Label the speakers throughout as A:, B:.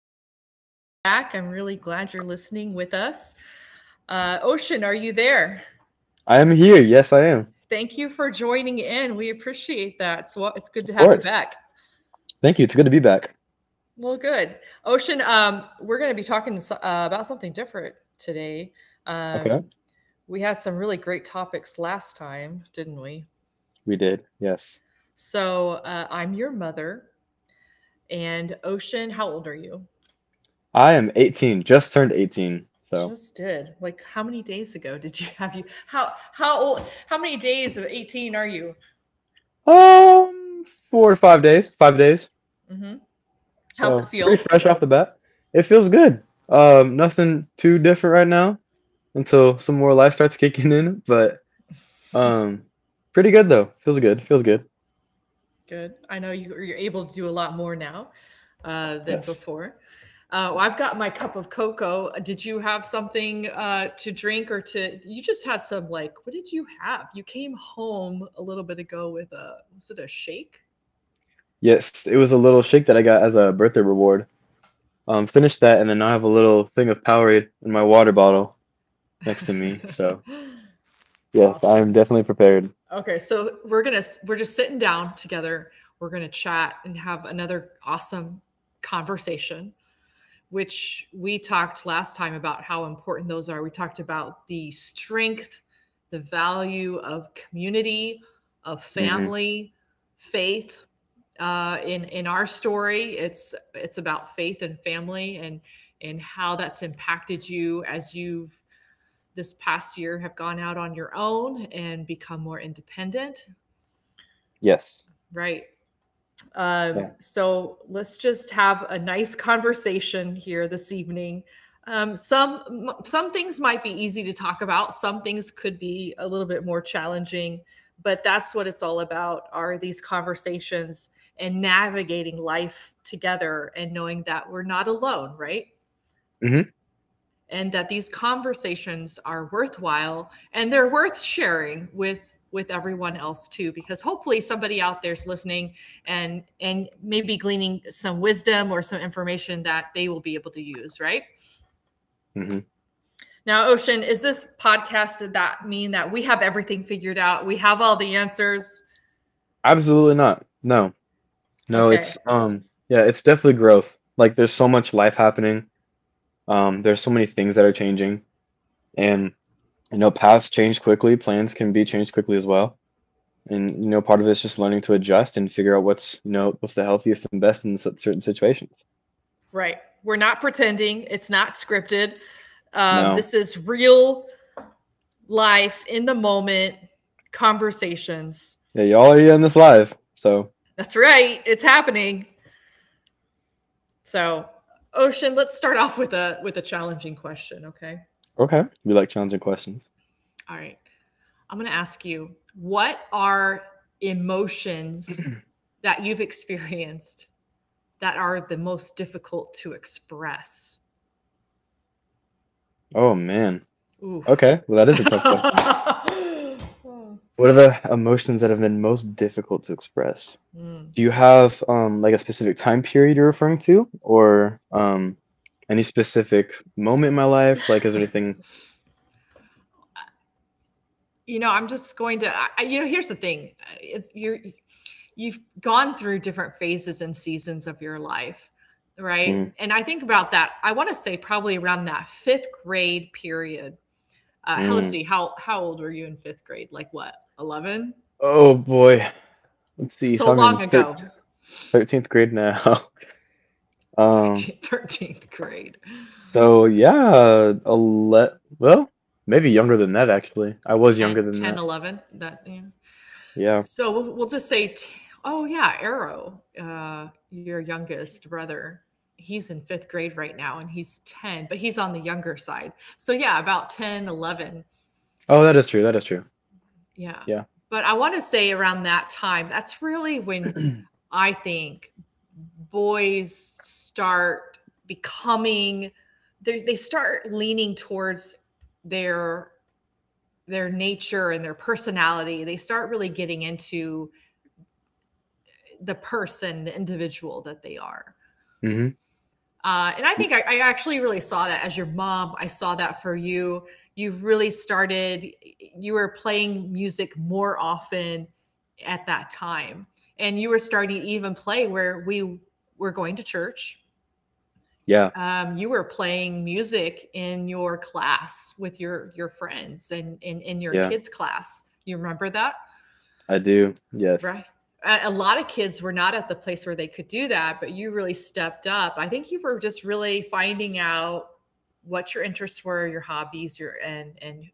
A: everyone, welcome back. I'm really glad you're listening with us. Ocean, are you there?
B: I am here. Yes, I am.
A: Thank you for joining in. We appreciate that. It's good
B: Of
A: to have you
B: course.
A: back.
B: Thank you. It's good to be back.
A: Well, good. Ocean, we're going to be talking about something different today.
B: Okay.
A: Um, we had some really great topics last time, didn't we?
B: We did. Yes.
A: So I'm your mother, and Ocean, how old are you?
B: I am 18, just turned 18. So,
A: Just did. Like, how many days ago did you have you? How old? How many days of 18 are you?
B: um, 4 to 5 days, 5 days.
A: Hmm. How's it
B: So, pretty
A: feel?
B: fresh off the bat. It feels good. Nothing too different right now until some more life starts kicking in, but um, pretty good though. Feels good. Feels good.
A: Good. I know you're able to do a lot more now than
B: Yes.
A: before. Well, I've got my cup of cocoa. Did you have something to drink or to? You just had some like. What did you have? You came home a little bit ago with a. Was it a shake?
B: Yes, it was a little shake that I got as a birthday reward. Finished that, and then now I have a little thing of Powerade in my water bottle next to me. So yes, I'm
A: Awesome.
B: definitely prepared.
A: Okay, so we're just sitting down together. We're gonna chat and have another awesome conversation. Which we talked last time about how important those are. We talked about the strength, the value of community, of
B: Hmm
A: family, faith. In our story, it's about faith and family and how that's impacted you as you've this past year have gone out on your own and become more independent.
B: Yes.
A: Right.
B: Yeah.
A: So let's just have a nice conversation here this evening. Um, some some things might be easy to talk about. Some things could be a little bit more challenging, but that's what it's all about: are these conversations and navigating life together, and knowing that we're not alone, right?
B: hmm
A: And that these conversations are worthwhile and they're worth sharing with everyone else too, because hopefully somebody out there's listening, and maybe gleaning some wisdom or some information that they will be able to use. Right
B: hmm
A: now, Ocean, is this podcast, did that mean that we have everything figured out? We have all the answers?
B: Absolutely not. No. No,
A: Okay.
B: it's definitely growth. Like there's so much life happening. There's so many things that are changing. And you know, paths change quickly, plans can be changed quickly as well. And you know, part of it's just learning to adjust and figure out what's, you know, what's the healthiest and best in certain situations.
A: Right. We're not pretending. It's not scripted.
B: No.
A: This is real life in the moment conversations.
B: Yeah, y'all are here in this live. So
A: That's right. It's happening. So, Ocean, let's start off with a challenging question, okay?
B: okay. We like challenging questions.
A: All right. I'm going to ask you, what are emotions that you've experienced that are the most difficult to express?
B: Oh man.
A: Oof.
B: Okay. Well, that is a tough question. What are the emotions that have been most difficult to express? Do you have like a specific time period you're referring to, or any specific moment in my life? Like, is there anything?
A: I'm just going to I, here's the thing. It's you're you've gone through different phases and seasons of your life, right?
B: Mm,
A: And I think about that. I want to say probably around that fifth grade period. Let's see,
B: mm.
A: how old were you in fifth grade? Like what, 11?
B: Oh boy, let's see if
A: So
B: I'm
A: long
B: in thir
A: ago.
B: 13th grade now. Um,
A: 13th grade.
B: so yeah, a let Well, maybe younger than that actually. I was
A: 10,
B: younger than
A: 10,
B: that.
A: 11. That, yeah.
B: Yeah.
A: So we'll just say, oh yeah, Arrow, your youngest brother. He's in fifth grade right now and he's 10, but he's on the younger side. So, yeah, about 10, 11.
B: Oh, that is true. That is true.
A: Yeah.
B: Yeah.
A: But I want to say around that time, that's really when I think boys start becoming, they start leaning towards their their nature and their personality. They start really getting into the person, the individual that they are.
B: Mm-hmm.
A: And I think I actually really saw that as your mom. I saw that for you. You really started, you were playing music more often at that time. And you were starting to even play where we were going to church.
B: Yeah.
A: You were playing music in your class with your friends and in your
B: Yeah.
A: kids' class. You remember that?
B: I do. Yes.
A: Right. A lot of kids were not at the place where they could do that, but you really stepped up. I think you were just really finding out what your interests were, your hobbies, your and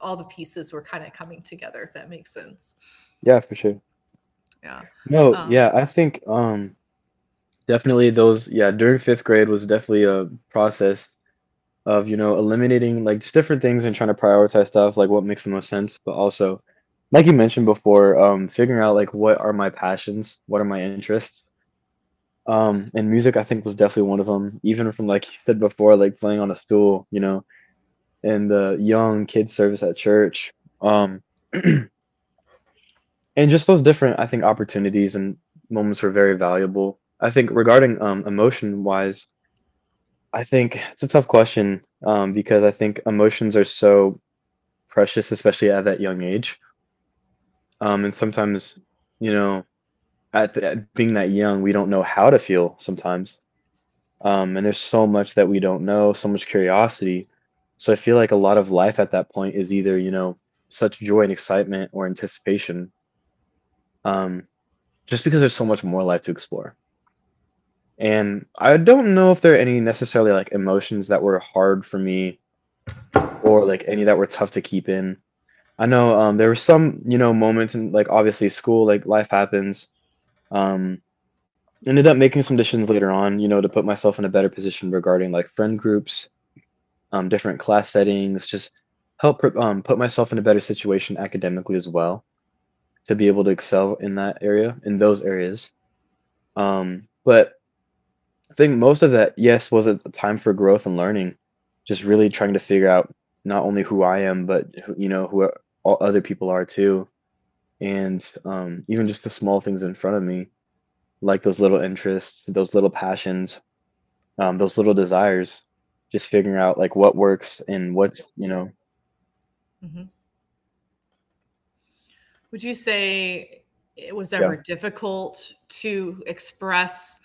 A: all the pieces were kind of coming together. If that makes sense,
B: Yeah, for sure.
A: yeah.
B: No,
A: Uh,
B: yeah, I think Definitely those, yeah, during fifth grade was definitely a process of, you know, eliminating like just different things and trying to prioritize stuff, like what makes the most sense, but also like you mentioned before, figuring out like what are my passions, what are my interests. And music I think was definitely one of them, even from like you said before, like playing on a stool, you know, and the young kids service at church. Um and just those different, I think, opportunities and moments were very valuable. I think regarding emotion wise, I think it's a tough question, because I think emotions are so precious, especially at that young age. And sometimes, you know, at being that young we don't know how to feel sometimes. And there's so much that we don't know, so much curiosity. So I feel like a lot of life at that point is, either you know, such joy and excitement or anticipation, um, just because there's so much more life to explore. And I don't know if there are any necessarily like emotions that were hard for me or like any that were tough to keep in. I know there were some, you know, moments in, like obviously school, like life happens. Um, Ended up making some decisions later on, you know, to put myself in a better position regarding like friend groups, different class settings, just put myself in a better situation academically as well, to be able to excel in that area, in those areas. But I think most of that, yes, was a time for growth and learning. Just really trying to figure out not only who I am, but who, you know who all other people are too, and even just the small things in front of me, like those little interests, those little passions, those little desires. Just figuring out like what works and what's, you know.
A: Mhm. Would you say it was
B: Yeah,
A: ever difficult to express?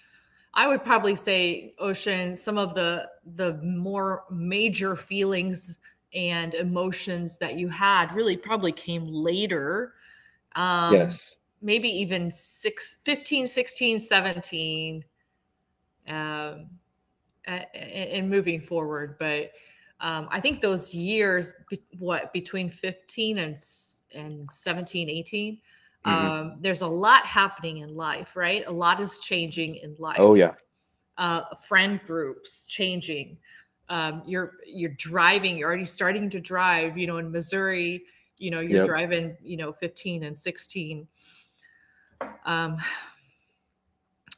A: I would probably say, Ocean, some of the more major feelings and emotions that you had really probably came later. Um,
B: yes.
A: maybe even six, 15, 16, 17, and moving forward. But I think those years, between 15 and 17, 18,
B: hmm
A: there's a lot happening in life, right? A lot is changing in
B: oh
A: life,
B: yeah.
A: friend groups changing. You're driving. You're already starting to drive. You know, in Missouri, you know you're
B: Yep.
A: driving. You know, 15 and 16. Um,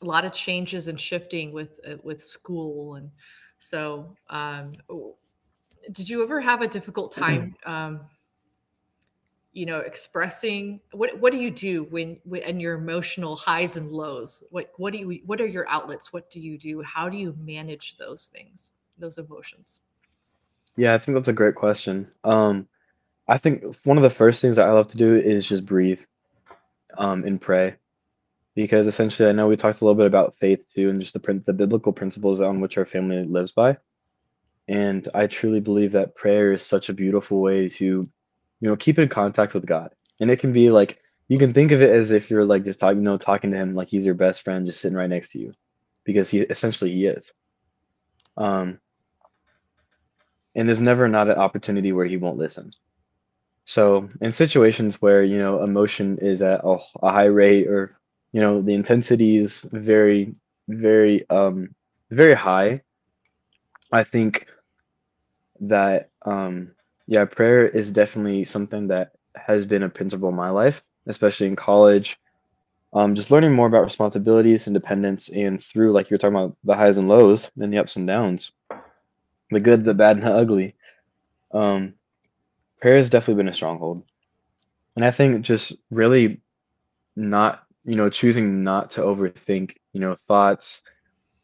A: a lot of changes and shifting with school and so. Did you ever have a difficult time? You know, expressing what do you do when and your emotional highs and lows? What do you, what are your outlets? What do you do? How do you manage those things, those emotions?
B: Yeah. I think that's a great question. I think one of the first things that I love to do is just breathe, and pray. Because essentially, I know we talked a little bit about faith too, and just the biblical principles on which our family lives by. And I truly believe that prayer is such a beautiful way to, you know, keep in contact with God. And it can be like, you can think of it as if you're like just talking, you know, talking to him like he's your best friend just sitting right next to you, because he essentially he is. um and there's never not an opportunity where he won't listen. So, in situations where, you know, emotion is at a a high rate, or, you know, the intensity is very, very, very high, I think that, yeah, prayer is definitely something that has been a principle in my life, especially in college. Just learning more about responsibilities and dependence, and through, like you were talking about, the highs and lows and the ups and downs, the good, the bad, and the ugly. Um, Prayer has definitely been a stronghold. And I think just really not, you know, choosing not to overthink, you know, thoughts,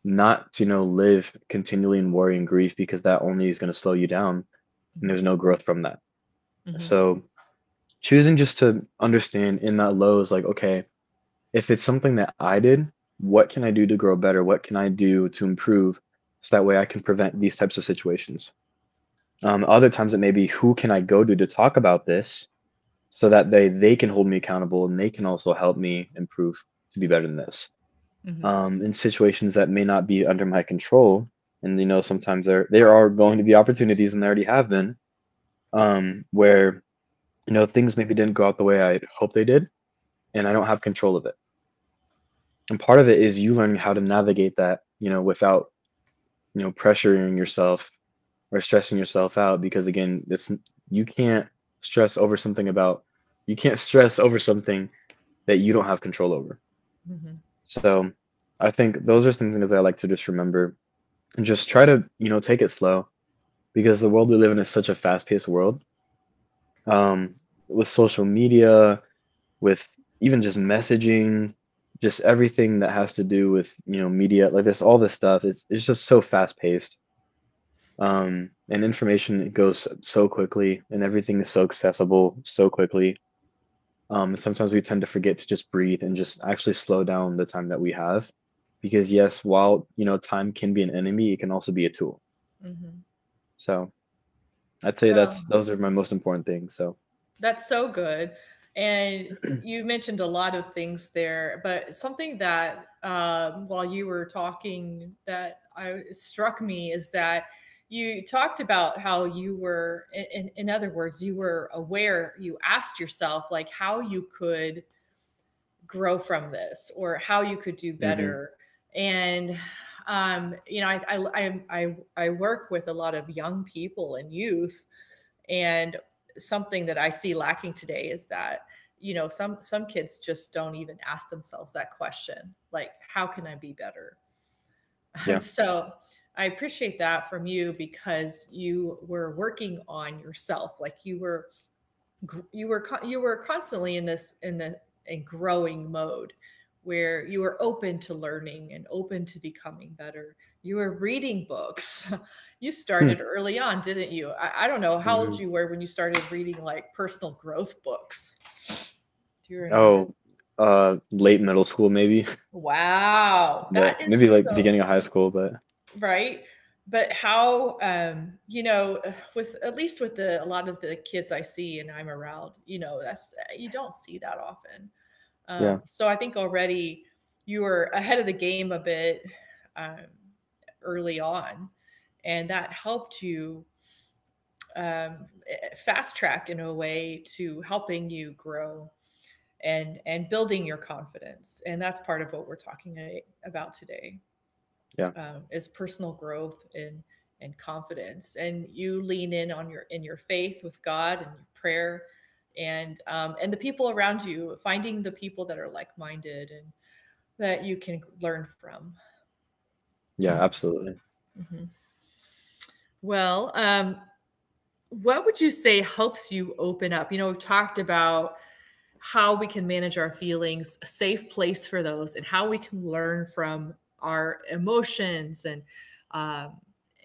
B: not to, you know, live continually in worry and grief, because that only is going to slow you down, and
A: Mm-hmm.
B: there's no growth from that.
A: Mhm,
B: So choosing just to understand in that low is like, okay, if it's something that I did, what can I do to grow better? What can I do to improve? So that way I can prevent these types of situations. Other times it may be who can I go to talk about this, so that they can hold me accountable, and they can also help me improve to be better than this.
A: mhm,
B: In situations that may not be under my control. And you know, sometimes there are going to be opportunities, and there already have been, where you know things maybe didn't go out the way I hoped they did, and I don't have control of it. And part of it is you learning how to navigate that, you know, without, you know, pressuring yourself or stressing yourself out, because again, it's, you can't stress over something about you can't stress over something that you don't have control over.
A: mhm,
B: So I think those are some things that I like to just remember, and just try to, you know, take it slow, because the world we live in is such a fast-paced world, um, with social media, with even just messaging, just everything that has to do with, you know, media like this, all this stuff. It's just so fast-paced, and information, it goes so quickly, and everything is so accessible so quickly. Sometimes we tend to forget to just breathe and just actually slow down the time that we have, because yes, while you know, time can be an enemy, it can also be a tool.
A: mhm.
B: So I'd say
A: No,
B: that's those are my most important things. So,
A: that's so good, and you mentioned a lot of things there, but something that, while you were talking that I struck me is that you talked about how you were I in other words, you were aware, you asked yourself, like, how you could grow from this or how you could do
B: hmm
A: better, and, you know, I work with a lot of young people and youth. And something that I see lacking today is that, you know, some kids just don't even ask themselves that question, like how can I be better? And
B: yeah.
A: so I appreciate that from you, because you were working on yourself, like you were you were constantly in this in growing mode, where you were open to learning and open to becoming better. You were reading books. You
B: Hmm.
A: started early on, didn't you? I don't know how
B: Hmm.
A: old you were when you started reading like personal growth books. Do you remember?
B: Oh, late middle school maybe,
A: Wow, that
B: but maybe
A: is
B: like beginning
A: so.
B: of high school. But
A: Right. But how, with, at least with the a lot of the kids I see and I'm around, you know, that's you don't see that often.
B: yeah.
A: So I think already you were ahead of the game a bit, um, early on, and that helped you, fast track in a way, to helping you grow and building your confidence. And that's part of what we're talking about today,
B: Yeah,
A: is personal growth and confidence. And you lean in on your faith with God, and your prayer, and the people around you, finding the people that are like minded and that you can learn from.
B: yeah, absolutely.
A: Mhm. Well, what would you say helps you open up? You know, we've talked about how we can manage our feelings, a safe place for those, and how we can learn from our emotions, and um,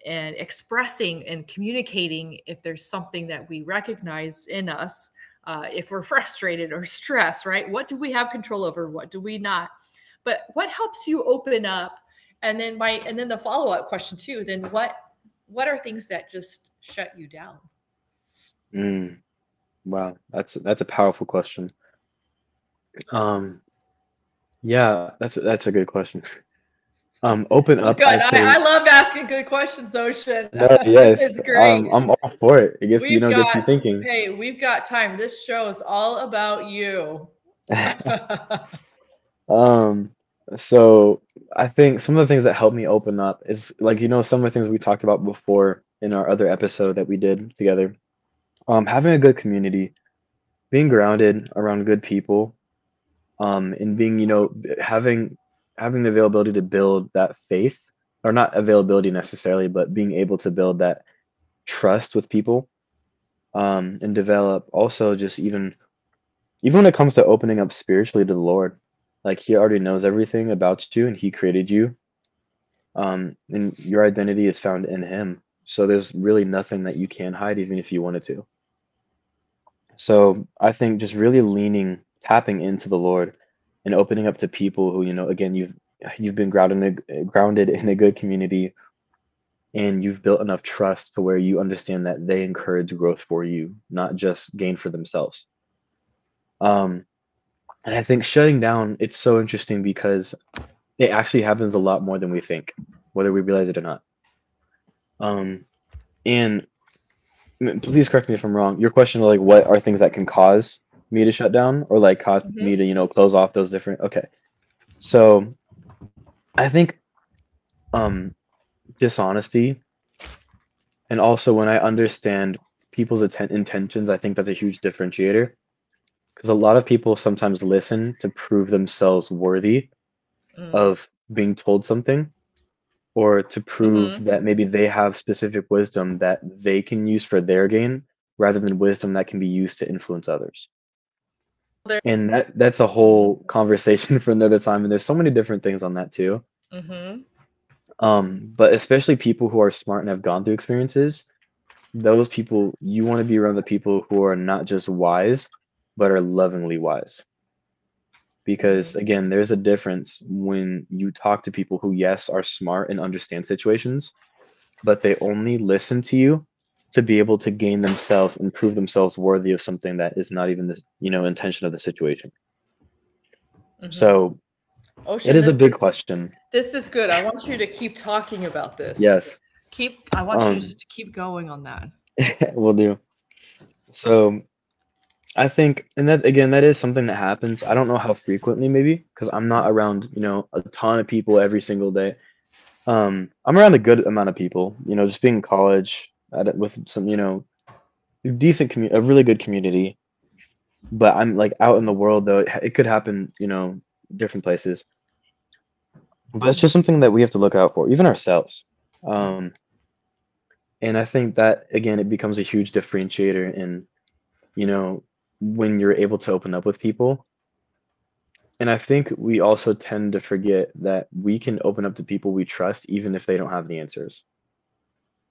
A: expressing and communicating if there's something that we recognize in us, if we're frustrated or stressed, right? What do we have control over? What do we not? But what helps you open up? And then my, and then the follow up question too. Then what are things that just shut you down?
B: Mm, wow, that's a powerful question. Um, yeah, that's a good question. Open
A: Well,
B: up,
A: good.
B: I'd
A: I
B: say
A: love asking good questions, Ocean.
B: no.
A: This
B: Yes,
A: is great.
B: I'm all for it. It gets, you
A: We've
B: know, gets
A: got,
B: you thinking.
A: Hey, we've got time. This show is all about you.
B: Um, so I think some of the things that helped me open up is, like, you know, some of the things we talked about before in our other episode that we did together. Having a good community, being grounded around good people, and being, you know, having the availability to build that faith, or not availability necessarily, but being able to build that trust with people, and develop also just even even when it comes to opening up spiritually to the Lord. Like he already knows everything about you and he created you, and your identity is found in him. So there's really nothing that you can hide, even if you wanted to. So I think just really leaning, tapping into the Lord, and opening up to people who, you know, again, you've been grounded in a good community, and you've built enough trust to where you understand that they encourage growth for you, not just gain for themselves. Um, and I think shutting down, it's so interesting because it actually happens a lot more than we think, whether we realize it or not. Um, and please correct me if I'm wrong. Your question, like, what are things that can cause me to shut down, or like cause me
A: Mm-hmm.
B: to, you know, close off those different? Okay. So I think um dishonesty, and also when I understand people's intentions, I think that's a huge differentiator, because a lot of people sometimes listen to prove themselves worthy
A: Mm.
B: of being told something, or
A: Mm-hmm.
B: to prove that maybe they have specific wisdom that they can use for their gain, rather than wisdom that can be used to influence others.
A: Oh, are you still there?
B: And that's a
A: Mm-hmm.
B: whole conversation for another time. And there's so many different things on that too.
A: Mm-hmm.
B: But especially people who are smart and have gone through experiences, those people you want to be around the people who are not just wise, but are lovingly wise.
A: Mm-hmm.
B: Because again, there's a difference when you talk to people who, yes, are smart and understand situations, but they only listen to you to be able to gain themselves and prove themselves worthy of something that is not even the intention of the situation.
A: Mm-hmm.
B: So it
A: Ocean,
B: is a
A: this
B: big
A: is
B: question.
A: this is good. I want you to keep talking about this.
B: Yes.
A: Keep. I want you to
B: Um,
A: just keep going on that.
B: will do. So I think, and that again, that is something that happens. I don't know how frequently, maybe, because I'm not around, you know, a ton of people every single day. I'm around a good amount of people, you know, just being in college at, with some, you know, decent commu a really good community. But I'm like out in the world though, it could happen, you know, different places. But it's just something that we have to look out for, even ourselves. Um, and I think that again, it becomes a huge differentiator in you know, when you're able to open up with people. And I think we also tend to forget that we can open up to people we trust even if they don't have the answers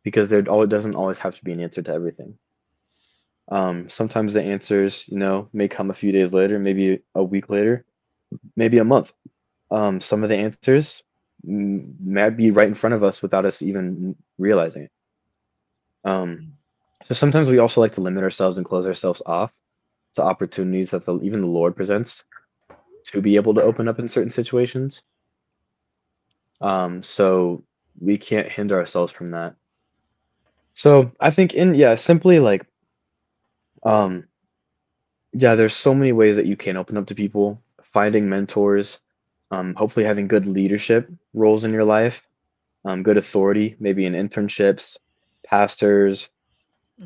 B: because doesn't always have to be an answer to everything. Sometimes the answers, you know, may come a few days later, maybe a week later, maybe a month. Some of the answers might be right in front of us without us even realizing it. Um, so sometimes we also like to limit ourselves and close ourselves off to opportunities that even the Lord presents to be able to open up in certain situations. So we can't hinder ourselves from that. So I think in yeah, simply like um, yeah, there's so many ways that you can open up to people. Finding mentors, hopefully having good leadership roles in your life, good authority, maybe in internships, pastors,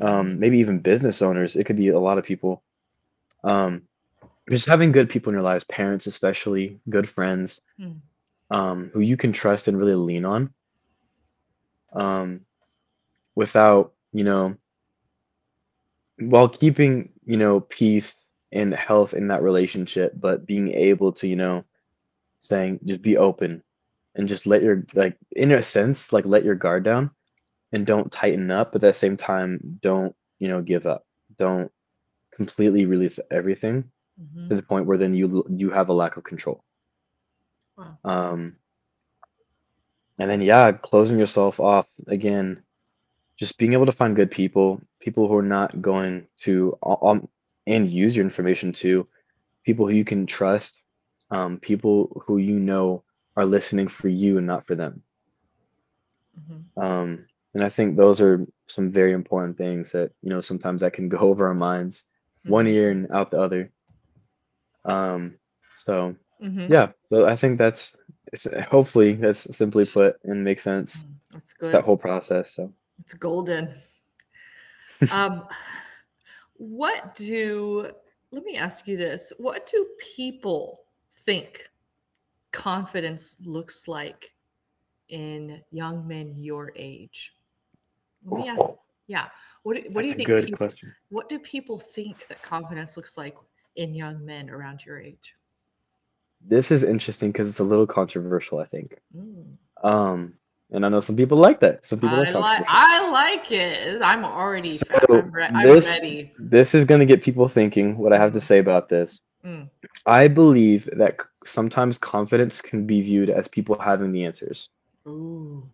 B: maybe even business owners. It could be a lot of people. Um, just having good people in your lives, parents especially, good friends
A: Mm-hmm.
B: who you can trust and really lean on. Um, without, you know, while keeping, you know, peace and health in that relationship, but being able to, you know, saying just be open and just let your like in a sense, like let your guard down and don't tighten up, but at the same time, don't, you know, give up. Don't completely release everything
A: Mm-hmm.
B: to the point where then you have a lack of control.
A: Wow.
B: Um, and then yeah, closing yourself off again just being able to find good people, people who are not going to and use your information to people who you can trust, people who you know are listening for you and not for them.
A: Mm-hmm.
B: Um, and I think those are some very important things that you know sometimes that can go over our minds one
A: Mm-hmm.
B: ear and out the other. Um, so
A: Mm-hmm.
B: yeah, I think that's it's, hopefully that's simply put and makes sense.
A: Mm-hmm. That's
B: It's that
A: good.
B: whole process. So
A: It's golden. Um, What do, let me ask you this. What do people think confidence looks like in young men your age? Let me ask,
B: ooh,
A: yeah. What do, what do
B: that's
A: you
B: a
A: think
B: good
A: people,
B: question.
A: what do people think that confidence looks like in young men around your age?
B: This is interesting because it's a little controversial, I think.
A: Mm.
B: Um, and I know some people like that. Some people like controversial.
A: I like it. I'm already fat.
B: So
A: I'm
B: this
A: ready.
B: this is going to get people thinking what I have to
A: Mm,
B: say about this.
A: mm.
B: I believe that sometimes confidence can be viewed as people having the answers,
A: Ooh.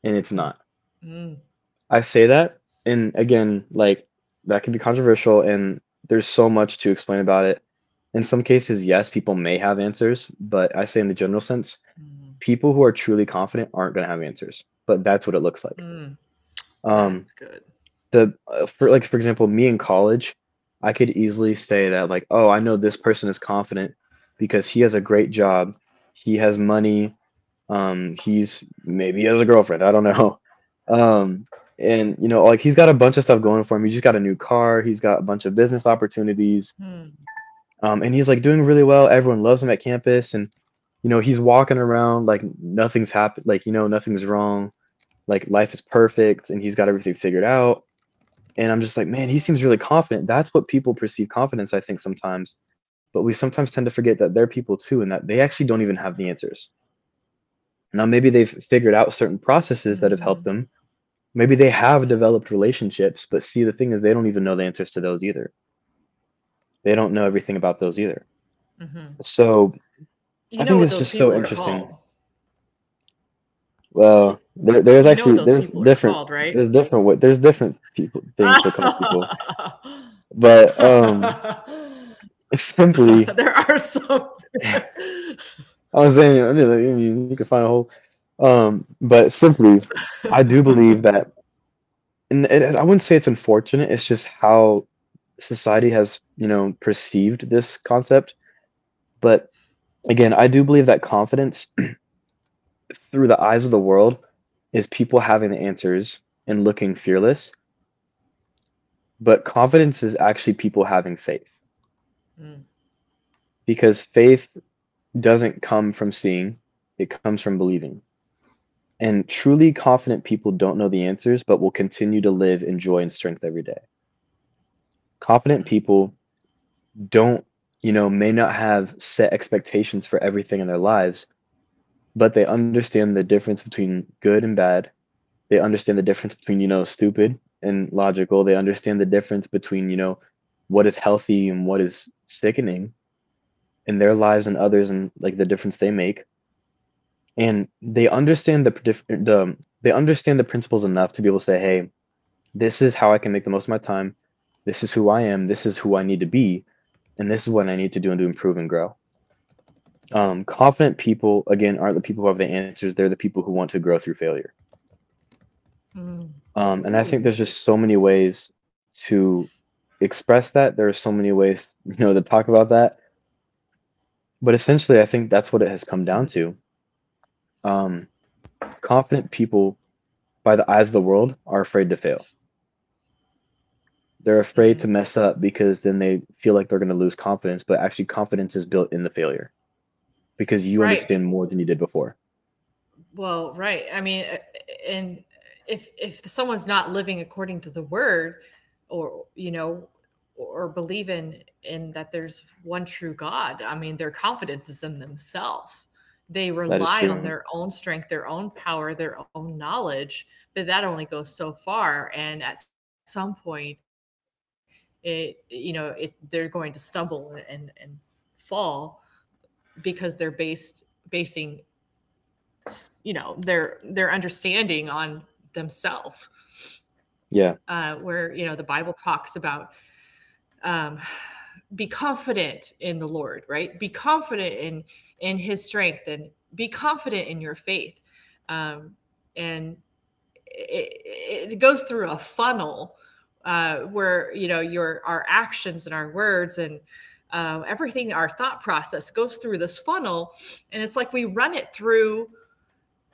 B: and it's
A: Mm,
B: not.
A: mm,
B: I say that, and again, like that can be controversial, and there's so much to explain about it. In some cases, yes, people may have answers, but I say in the general sense,
A: mm,
B: people who are truly confident aren't going to have answers, but that's what it looks like.
A: mm.
B: Um,
A: That's good.
B: the for like for example, me in college, I could easily say that like, oh, I know this person is confident because he has a great job, he has money, he's maybe he has a girlfriend, I don't know, um, and you know like he's got a bunch of stuff going for him. He just got a new car, he's got a bunch of business opportunities,
A: Mm,
B: and he's like doing really well. Everyone loves him at campus, and you know he's walking around like nothing's happened, like you know nothing's wrong, like life is perfect, and he's got everything figured out. And I'm just like, man, he seems really confident. That's what people perceive confidence, I think, sometimes. But we sometimes tend to forget that they're people too, and that they actually don't even have the answers. Now, maybe they've figured out certain
A: mhm.
B: processes that have helped them. Maybe they have developed relationships, but see, the thing is, they don't even know the answers to those either. They don't know everything about those either.
A: Hmm.
B: So
A: You know what those
B: I
A: people
B: think
A: are
B: it's just so
A: called.
B: interesting.
A: K-
B: Well,
A: You know what
B: there,
A: those
B: there's
A: people are
B: actually
A: called,
B: there's
A: right?
B: different there's different what there's different people things to call people, but
A: There are
B: simply,
A: some.
B: I was saying I mean, like, I mean, you can find a whole, but simply, I do believe that, and it, I wouldn't say it's unfortunate. It's just how society has you know perceived this concept. But again, I do believe that confidence through the eyes of the world is people having the answers and looking fearless, but confidence is actually people having faith
A: Mm,
B: because faith doesn't come from seeing, it comes from believing. And truly confident people don't know the answers, but will continue to live in joy and strength every day. Confident people don't, you know, may not have set expectations for everything in their lives, but they understand the difference between good and bad. They understand the difference between, you know, stupid and logical. They understand the difference between, you know, what is healthy and what is sickening in their lives and others and like the difference they make and they understand they understand the principles enough to be able to say hey, this is how I can make the most of my time, this is who I am, this is who I need to be, and this is what I need to do and to improve and grow. Confident people again aren't the people who have the answers, they're the people who want to grow through failure.
A: mm.
B: And I think there's
A: Ooh.
B: just so many ways to express that, there are so many ways you know to talk about that, but essentially I think that's what it has
A: Mhm,
B: come down to. um, confident people by the eyes of the world are afraid to fail. They're
A: mhm.
B: afraid to mess up because then they feel like they're going to lose confidence, but actually, confidence is built in the failure because you
A: Right.
B: understand more than you did before.
A: Well, right. I mean, and if someone's not living according to the word, or you know, or believe in that there's one true God, I mean, their confidence is in themselves. They
B: That is
A: rely
B: true.
A: on their own strength, their own power, their own knowledge, but that only goes so far. And at some point, it you know, it, they're going to stumble and fall because they're based basing their understanding on themselves,
B: Yeah.
A: where the Bible talks about, um, be confident in the Lord. Right, be confident in His strength and be confident in your faith. Um, and it goes through a funnel, where you know your our actions and our words and, everything, our thought process goes through this funnel. And it's like we run it through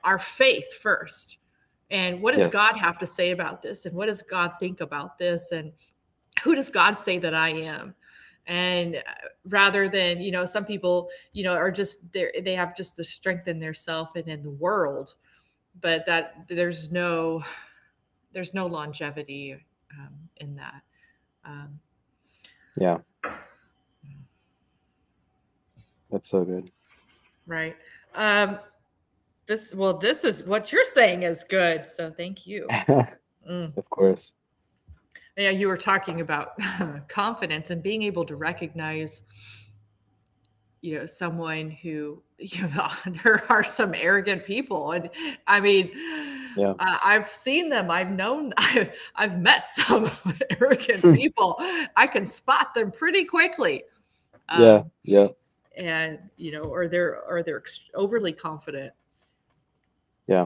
A: our faith first. And what does
B: Yes.
A: God have to say about this? And what does God think about this? And who does God say that I am? And Rather than, you know, some people, you know, are just there, they have just the strength in their self and in the world, but that there's there's no longevity in that. Um,
B: Yeah. That's so good.
A: right. Um, this is what you're saying is good. So thank you.
B: Of course.
A: Yeah, you were talking about confidence and being able to recognize, someone who, there are some arrogant people. And I mean
B: Yeah.
A: I've seen them, I've known I've met some arrogant people. I can spot them pretty quickly.
B: Yeah. Yeah.
A: And, you know, or they're overly confident.
B: Yeah.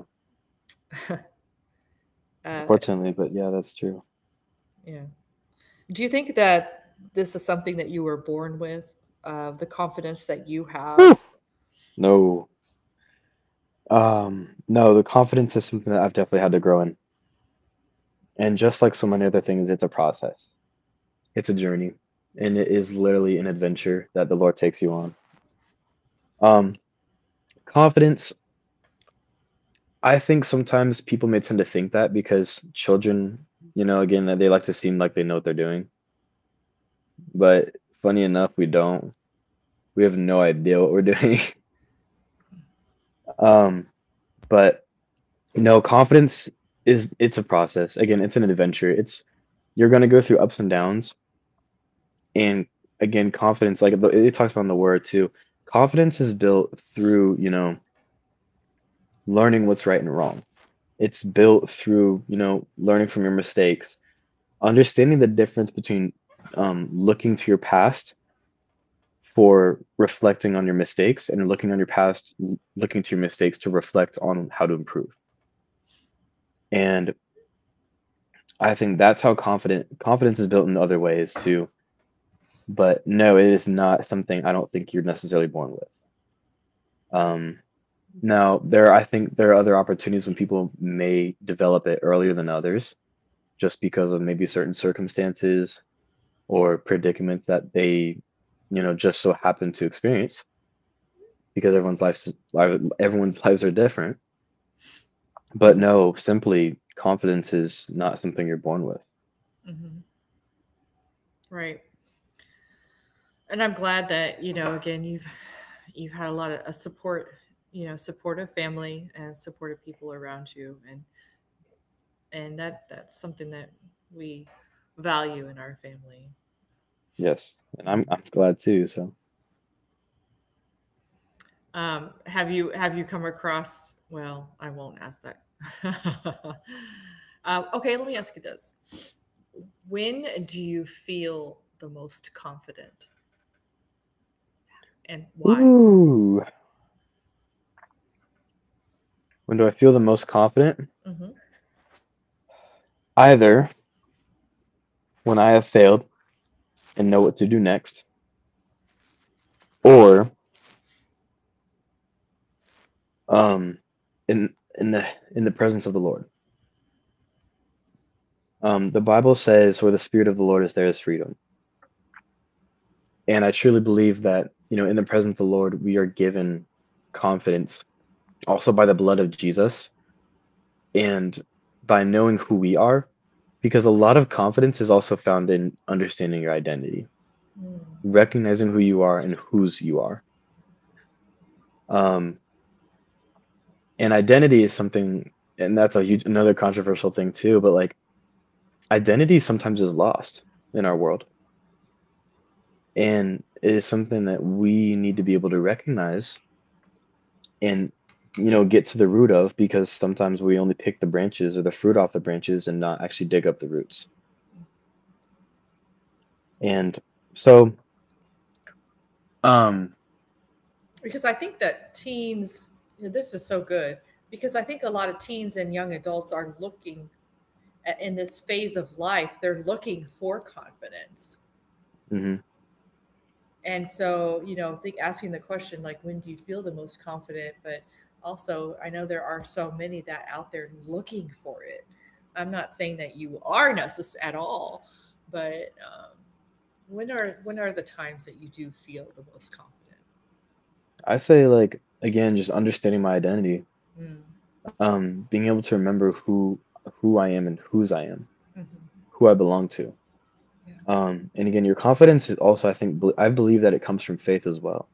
A: uh,
B: Unfortunately, but yeah, that's true.
A: yeah, do you think that this is something that you were born with, the confidence that you have?
B: Whew. No. No, the confidence is something that I've definitely had to grow in. And just like so many other things, it's a process. It's a journey, and it is literally an adventure that the Lord takes you on. Um, confidence, I think sometimes people may tend to think that because children, you know, again, that they like to seem like they know what they're doing. But funny enough, we don't. We have no idea what we're doing. Um, but no, confidence is it's a process. Again, it's an adventure. It's you're going to go through ups and downs and again confidence like it talks about in the word too, confidence is built through you know learning what's right and wrong. It's built through, you know, learning from your mistakes, understanding the difference between looking to your past for reflecting on your mistakes and looking on your past, looking to your mistakes to reflect on how to improve. And I think that's how confident confidence is built in other ways too. But no, it is not something I don't think you're necessarily born with. Um, I think there are other opportunities when people may develop it earlier than others just because of maybe certain circumstances or predicaments that they, you know, just so happen to experience because everyone's lives are different. But
A: Mhm,
B: no, simply confidence is not something you're born with.
A: mhm. Right. And I'm glad that, you know, again, you've had a lot of a support, you know, supportive family and supportive people around you, and that that's something that we value in our family.
B: Yes, and
A: Mhm.
B: I'm glad too. So,
A: Have you have you come across? Well, I won't ask that. Okay, let me ask you this: when do you feel the most confident, and why?
B: ooh, when do I feel the most confident?
A: Mm-hmm.
B: Either when I have failed and know what to do next, or um, in in the in the presence of the Lord. The Bible says, where the Spirit of the Lord is, there is freedom. And I truly believe that, you know, in the presence of the Lord, we are given confidence also by the blood of Jesus and by knowing who we are, because a lot of confidence is also found in understanding your identity, recognizing who you are and whose you are. Um, and identity is something, and that's a huge, another controversial thing too, but like identity sometimes is lost in our world. And it is something that we need to be able to recognize and you know get to the root of because sometimes we only pick the branches or the fruit off the branches and not actually dig up the roots and so um
A: Because I think that this is so good, because I think a lot of teens and young adults are looking at, in this phase of life, they're looking for confidence.
B: mhm,
A: And so, you know, think asking the question like, when do you feel the most confident? But also, I know there are so many that out there looking for it. I'm not saying that you are necessary at all, but, um, when are the times that you do feel the most confident?
B: I say like, again, just understanding my identity, being able to remember who I am and whose I am, who I belong to.
A: Yeah.
B: And again, your confidence is also, I think, I believe that it comes from faith as well.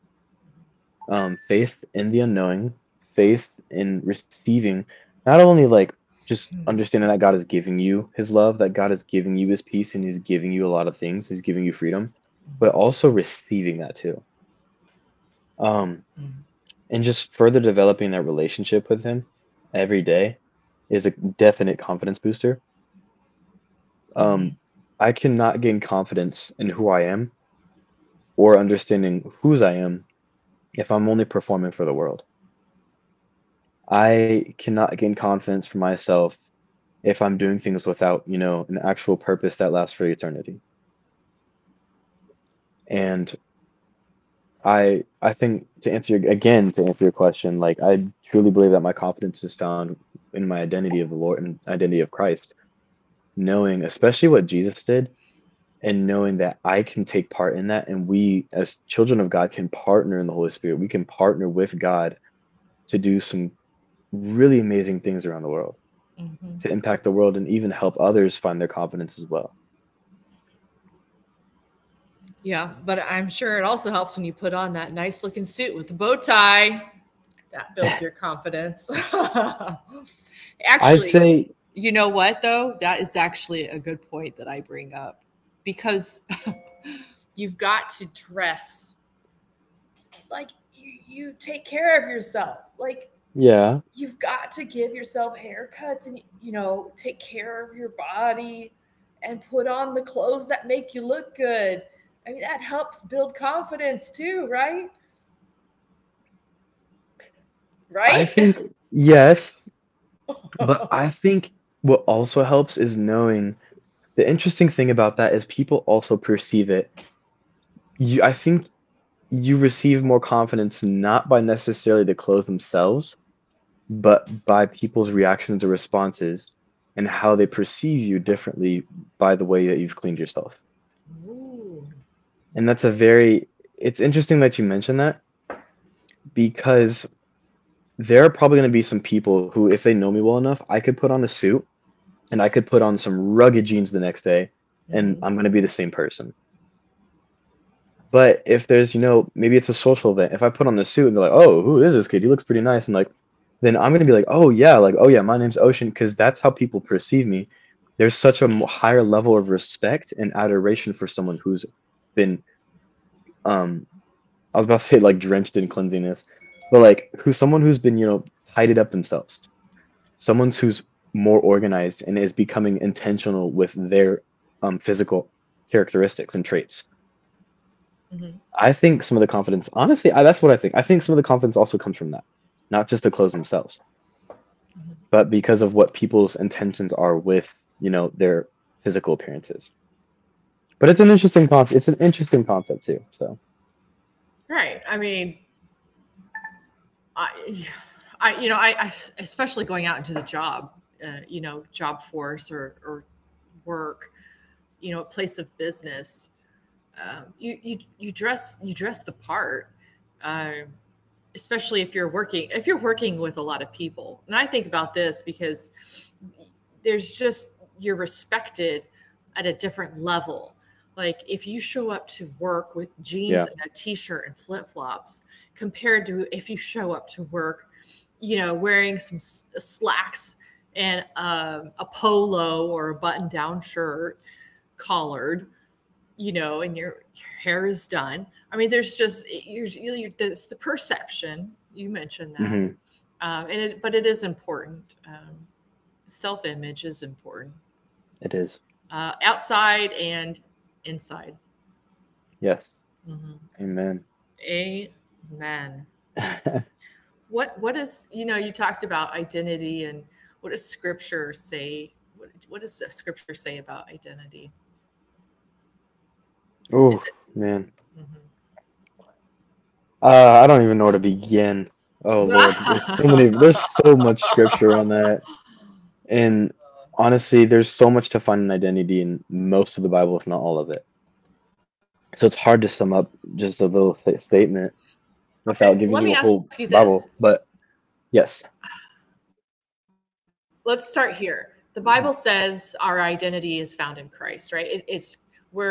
B: Faith in the unknowing, faith in receiving, not only like just understanding that God is giving you his love, that God is giving you his peace, and he's giving you a lot of things, he's giving you freedom, but also receiving that too. Um, and just further developing that relationship with him every day is a definite confidence booster. Um, I cannot gain confidence in who I am or understanding whose I am if I'm only performing for the world. I cannot gain confidence for myself if I'm doing things without an actual purpose that lasts for eternity. And I think to answer your, again, to answer your question, like, I truly believe that my confidence is found in my identity of the Lord and identity of Christ, knowing especially what Jesus did, and knowing that I can take part in that, and we as children of God can partner in the Holy Spirit. We can partner with God to do some really amazing things around the world, to impact the world and even help others find their confidence as well.
A: Yeah, but I'm sure it also helps when you put on that nice looking suit with the bow tie. That builds your confidence.
B: I'd
A: Actually,
B: say,
A: you know what though? That is actually a good point that I bring up, because you've got to dress like you take care of yourself. Like,
B: yeah,
A: you've got to give yourself haircuts and, you know, take care of your body and put on the clothes that make you look good. I mean, that helps build confidence too, right?
B: I
A: Right?
B: think yes, but I think what also helps is knowing the interesting thing about that is people also perceive it. You, I think you receive more confidence not by necessarily the clothes themselves, but by people's reactions or responses and how they perceive you differently by the way that you've cleaned yourself.
A: Ooh.
B: And that's a
A: Okay.
B: very, it's interesting that you mentioned that because there are probably going to be some people who, if they know me well enough, I could put on a suit and I could put on some rugged jeans the next day and
A: Hmm.
B: I'm going to be the same person. But if there's, you know, maybe it's a social event, if I put on the suit and they're like, oh, who is this kid? He looks pretty nice. And like, then I'm going to be like, oh, yeah, my name's Ocean, because that's how people perceive me. There's such a higher level of respect and adoration for someone who's been, um, I was about to say like drenched in cleanliness, but like who's someone who's been, you know, tidied up themselves, someone who's more organized and is becoming intentional with their physical characteristics and traits.
A: Hmm.
B: I think some of the confidence, honestly, that's what I think. I think some of the confidence also comes from that, not just the clothes themselves, but because of what people's intentions are with you know their physical appearances. But it's an interesting it's an interesting concept too. So
A: Right. I mean, I, I, you know, I especially going out into the you know, job force, or work, you know, a place of business. You dress the part, uh, especially if if you're working with a lot of people. And I think about this because there's just you're respected at a different level. Like if you show up to work with jeans
B: yeah,
A: and a t-shirt and flip-flops compared to if you show up to work, you know, wearing some slacks and, a polo or a button-down shirt, collared, you know, and your hair is done. I mean, there's just it's the perception. You mentioned that.
B: hmm
A: But it is important. Self-image is important,
B: it is.
A: outside and inside.
B: Yes, amen.
A: Amen. What is, you know, you talked about identity, and what does Scripture say? What does Scripture say about identity?
B: Oh
A: Is
B: man, uh, I don't even know where to begin. Oh Lord, there's so
A: it
B: many. There's so much scripture on that, and honestly, there's so much to find an identity in most of the Bible, if not all of it. So it's hard to sum up just a little th statement
A: okay?
B: without
A: Let me
B: giving you
A: ask
B: a
A: you
B: whole
A: this.
B: Bible. But yes,
A: Let's start here. The Bible says our identity is found in Christ, right? It's we're rooted in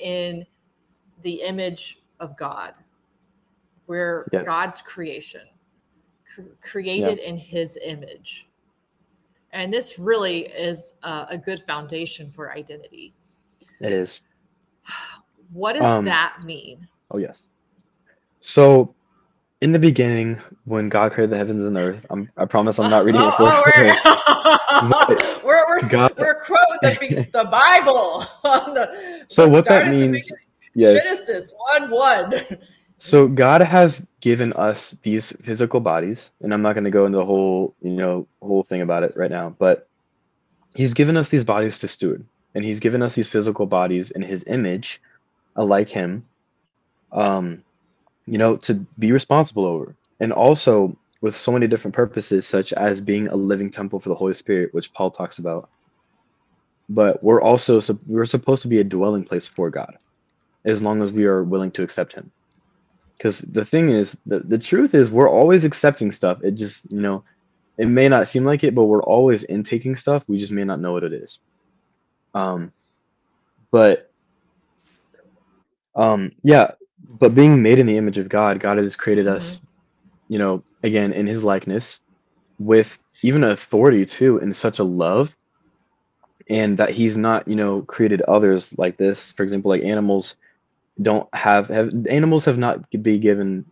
A: the image of God. We're God's creation,
B: yes,
A: created in His
B: yeah,
A: image. And this really is a good foundation for identity.
B: it is.
A: What does that
B: Um,
A: mean?
B: oh yes. So in the beginning, when God created the heavens and the earth, I promise I'm
A: Oh,
B: not reading it for.
A: oh,
B: But
A: oh, we're
B: God.
A: we're quoting the the Bible on the
B: So what
A: start
B: that
A: at the
B: means,
A: beginning.
B: yes.
A: Genesis one one. In
B: So
A: the
B: God
A: beginning,
B: has given us these physical bodies, and I'm not going to go into the whole, you know, whole thing about it right now, but he's given us these bodies to steward, and he's given us these physical bodies in his image, like him, um, you know, to be responsible over. And also with so many different purposes such as being a living temple for the Holy Spirit, which Paul talks about. But we're also we're supposed to be a dwelling place for God as long as we are willing to accept him. Because the thing is, the truth is, we're always accepting stuff. It just, you know, it may not seem like it, but we're always intaking stuff. We just may not know what it is. Um, but um, yeah,
A: hmm.
B: but being made in the image of God, God has created us, you know, again, in his likeness with even authority too, in such a love, and that he's not, you know, created others like this. For example, like animals don't have animals have not be given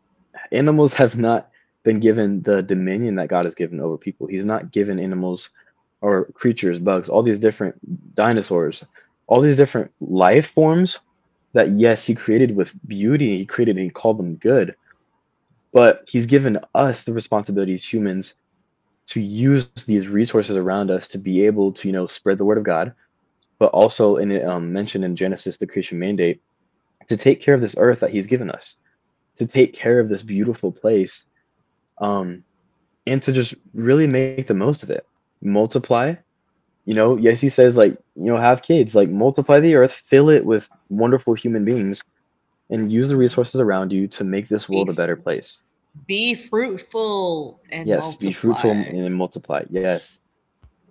B: Animals have not been given the dominion that God has given over people. He's not given animals or creatures, bugs, all these different dinosaurs, all these different life forms that, yes, He created with beauty. He created and He called them good. But He's given us the responsibility as humans to use these resources around us to be able to, you know, spread the word of God. But also, in mentioned in Genesis, the creation mandate to take care of this earth that He's given us, to take care of this beautiful place. Um, and to just really make the most of it. Multiply, you know, yes, he says, like, you know, have kids, like, multiply the earth, fill it with wonderful human beings, and use the resources around you to make this
A: Be,
B: world a better place.
A: be fruitful and
B: Yes, be fruitful
A: multiply.
B: and multiply. Yes.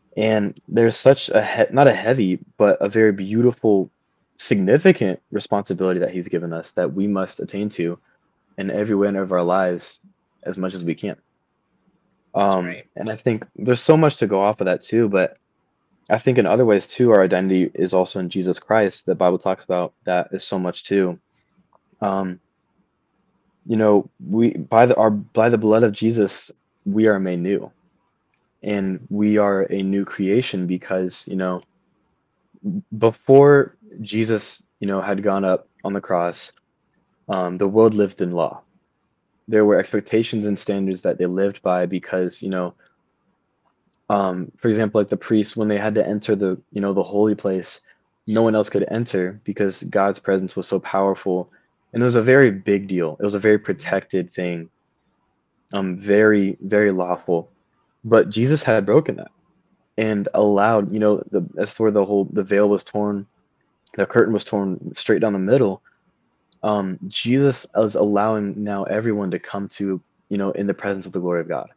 B: And there's such a, not a heavy, but a very beautiful, significant responsibility that he's given us that we must attain to in every way of our lives as much as we can.
A: That's right.
B: And I think there's so much to go off of that too, but I think in other ways too, our identity is also in Jesus Christ. The Bible talks about that is so much too. Um, you know, we by the our by the blood of Jesus, we are made new, and we are a new creation, because you know before Jesus, you know, had gone up on the cross, the world lived in law. There were expectations and standards that they lived by because you know for example, like the priests, when they had to enter the, you know, the holy place, no one else could enter because God's presence was so powerful. And it was a very big deal. It was a very protected thing, very, very lawful. But Jesus had broken that and allowed, you know, that's where the whole the veil was torn, the curtain was torn straight down the middle. Jesus is allowing now everyone to come to, you know, in the presence of the glory of God,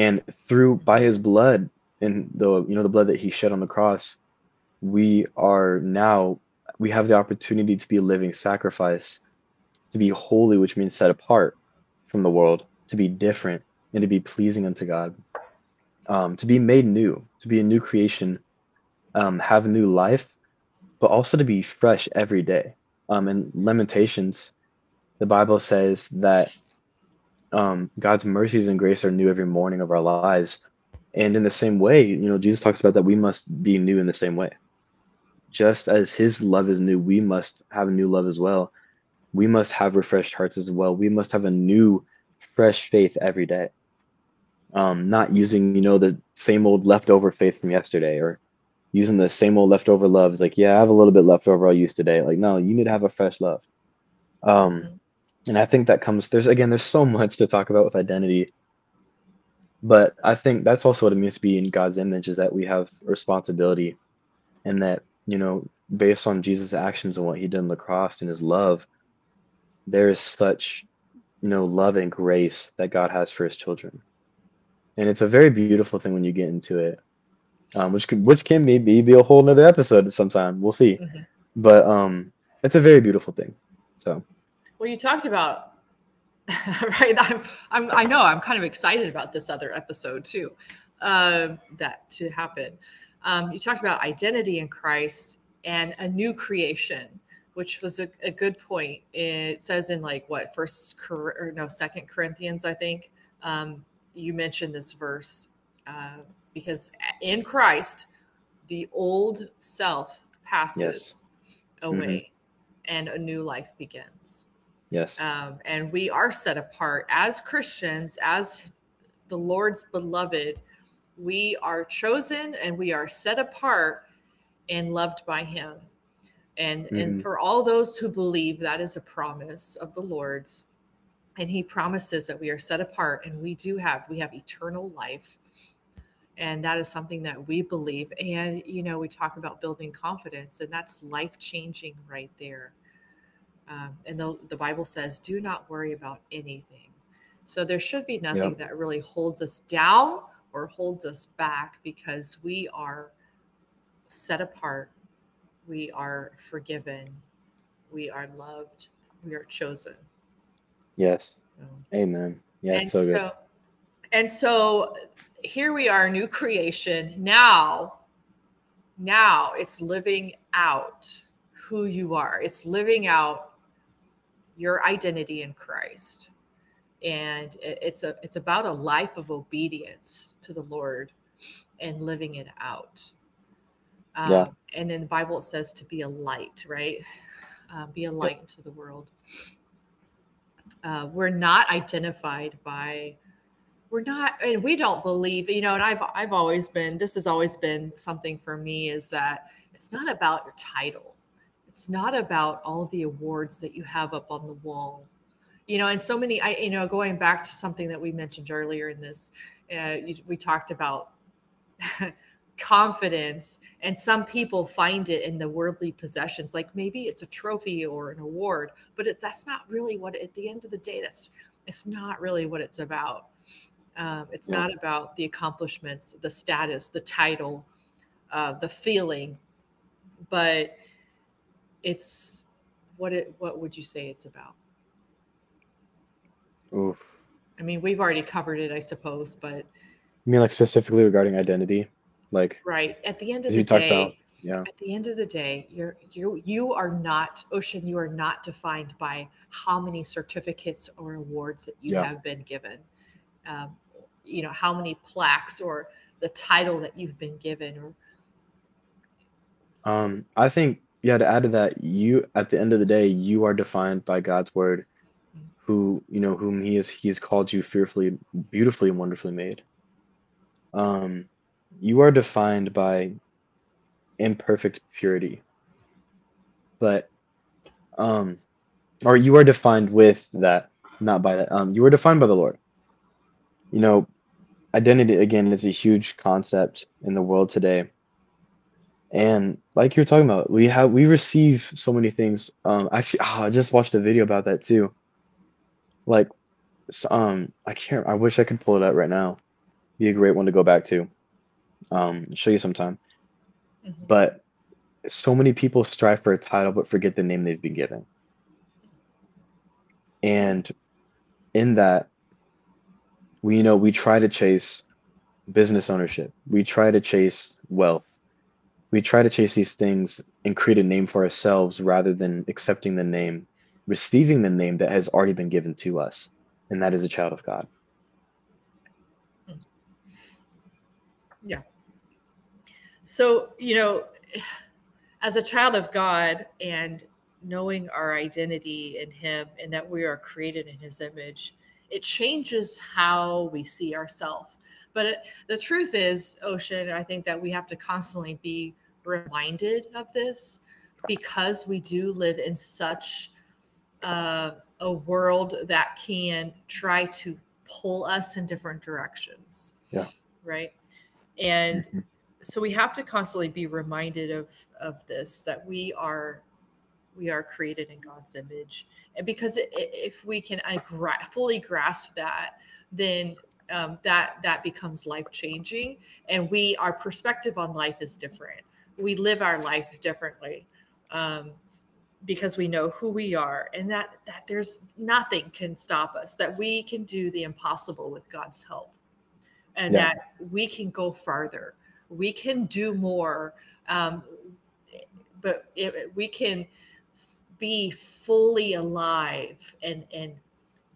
B: and through by
A: Hmm.
B: his blood, and the you know the blood that he shed on the cross, we are now, we have the opportunity to be a living sacrifice, to be holy, which means set apart from the world, to be different and to be pleasing unto God. To be made new, to be a new creation, have new life, but also to be fresh every day. In Lamentations, the Bible says that God's mercies and grace are new every morning of our lives. And in the same way, you know, Jesus talks about that we must be new in the same way. Just as his love is new, we must have a new love as well. We must have refreshed hearts as well. We must have a new, fresh faith every day. Not using, you know, the same old leftover faith from yesterday, or using the same old leftover love. It's like, yeah, I have a little bit left over I'll use today. Like, no, you need to have a fresh love. Um,
A: Hmm.
B: and I think that comes, there's, again, there's so much to talk about with identity. But I think that's also what it means to be in God's image, is that we have responsibility, and that, you know, based on Jesus' actions and what he did on the cross and his love, there is such, you know, love and grace that God has for his children. And it's a very beautiful thing when you get into it, which could, which can maybe be a whole nother episode sometime. We'll see.
A: Hmm.
B: But it's a very beautiful thing. So,
A: Well, you talked about right? I know I'm kind of excited about this other episode too, that to happen. You talked about identity in Christ and a new creation, which was a good point. It says in like what first Cor- or no second Corinthians, I think. Um, you mentioned this verse, uh, because in Christ the old self
B: yes.
A: passes
B: Hmm.
A: away and a new life begins.
B: Yes.
A: And we are set apart as Christians, as the Lord's beloved. We are chosen and we are set apart and loved by Him. And
B: Mm-hmm.
A: for all those who believe, that is a promise of the Lord's. And He promises that we are set apart and we we have eternal life. And that is something that we believe. And, you know, we talk about building confidence, and that's life changing right there. And the Bible says, do not worry about anything. So there should be nothing
B: Yep.
A: that really holds us down or holds us back because we are set apart, we are forgiven, we are loved, we are chosen.
B: Yes.
A: So-
B: Amen. Yeah, it's
A: And
B: so good.
A: so, and so here we are, new creation. Now, now it's living out who you are, it's living out your identity in Christ. And it's a it's about a life of obedience to the Lord and living it out.
B: Yeah.
A: And in the Bible, it says to be a light, right? Be a
B: Yep.
A: light into the world. We're not identified by we're not, and we don't believe, you know. And I've always been, this has always been something for me, is that it's not about your title. It's not about all the awards that you have up on the wall, you know. And so many, I you know, going back to something that we mentioned earlier in this, we talked about confidence, and some people find it in the worldly possessions, like maybe it's a trophy or an award, but that's not really what, at the end of the day, that's it's not really what it's about. Um, it's
B: Yeah.
A: not about the accomplishments, the status, the title, the feeling, but it's what it, what would you say it's about?
B: Oof.
A: I mean, we've already covered it, I suppose, but
B: You mean like specifically regarding identity? Like,
A: right. At the end of
B: because
A: the
B: you talked about,
A: day,
B: yeah,
A: at the end of the day, you are not Ocean, you are not defined by how many certificates or awards that you
B: yeah.
A: have been given. Um, you know, how many plaques or the title that you've been given or,
B: I think, yeah, to add to that, at the end of the day, you are defined by God's word, whom he is, he has called you fearfully, beautifully, and wonderfully made. Um, you are defined by imperfect purity, but, um, or you are defined with that, not by that. You are defined by the Lord. You know, identity, again, is a huge concept in the world today. And like you were talking about, we receive so many things. Actually, I just watched a video about that too. Like, I can't. I wish I could pull it up right now. Be a great one to go back to. Show you sometime. But so many people strive for a title but forget the name they've been given. And in that, we you know we try to chase business ownership. We try to chase wealth. We try to chase these things and create a name for ourselves rather than accepting the name, receiving the name that has already been given to us, and that is a child of God.
A: yeah. So, you know, as a child of God and knowing our identity in Him and that we are created in His image, it changes how we see ourselves. But the truth is, Ocean, I think that we have to constantly be reminded of this, because we do live in such uh, a world that can try to pull us in different directions,
B: Yeah.
A: right? And
B: Mhm.
A: so we have to constantly be reminded of this, that we are, we are created in God's image. And because if we can fully grasp that, then, that that becomes life changing, and we our perspective on life is different. We live our life differently, um, because we know who we are, and that there's nothing can stop us. That we can do the impossible with God's help, and
B: Yeah.
A: that we can go farther, we can do more, um, but we can be fully alive, and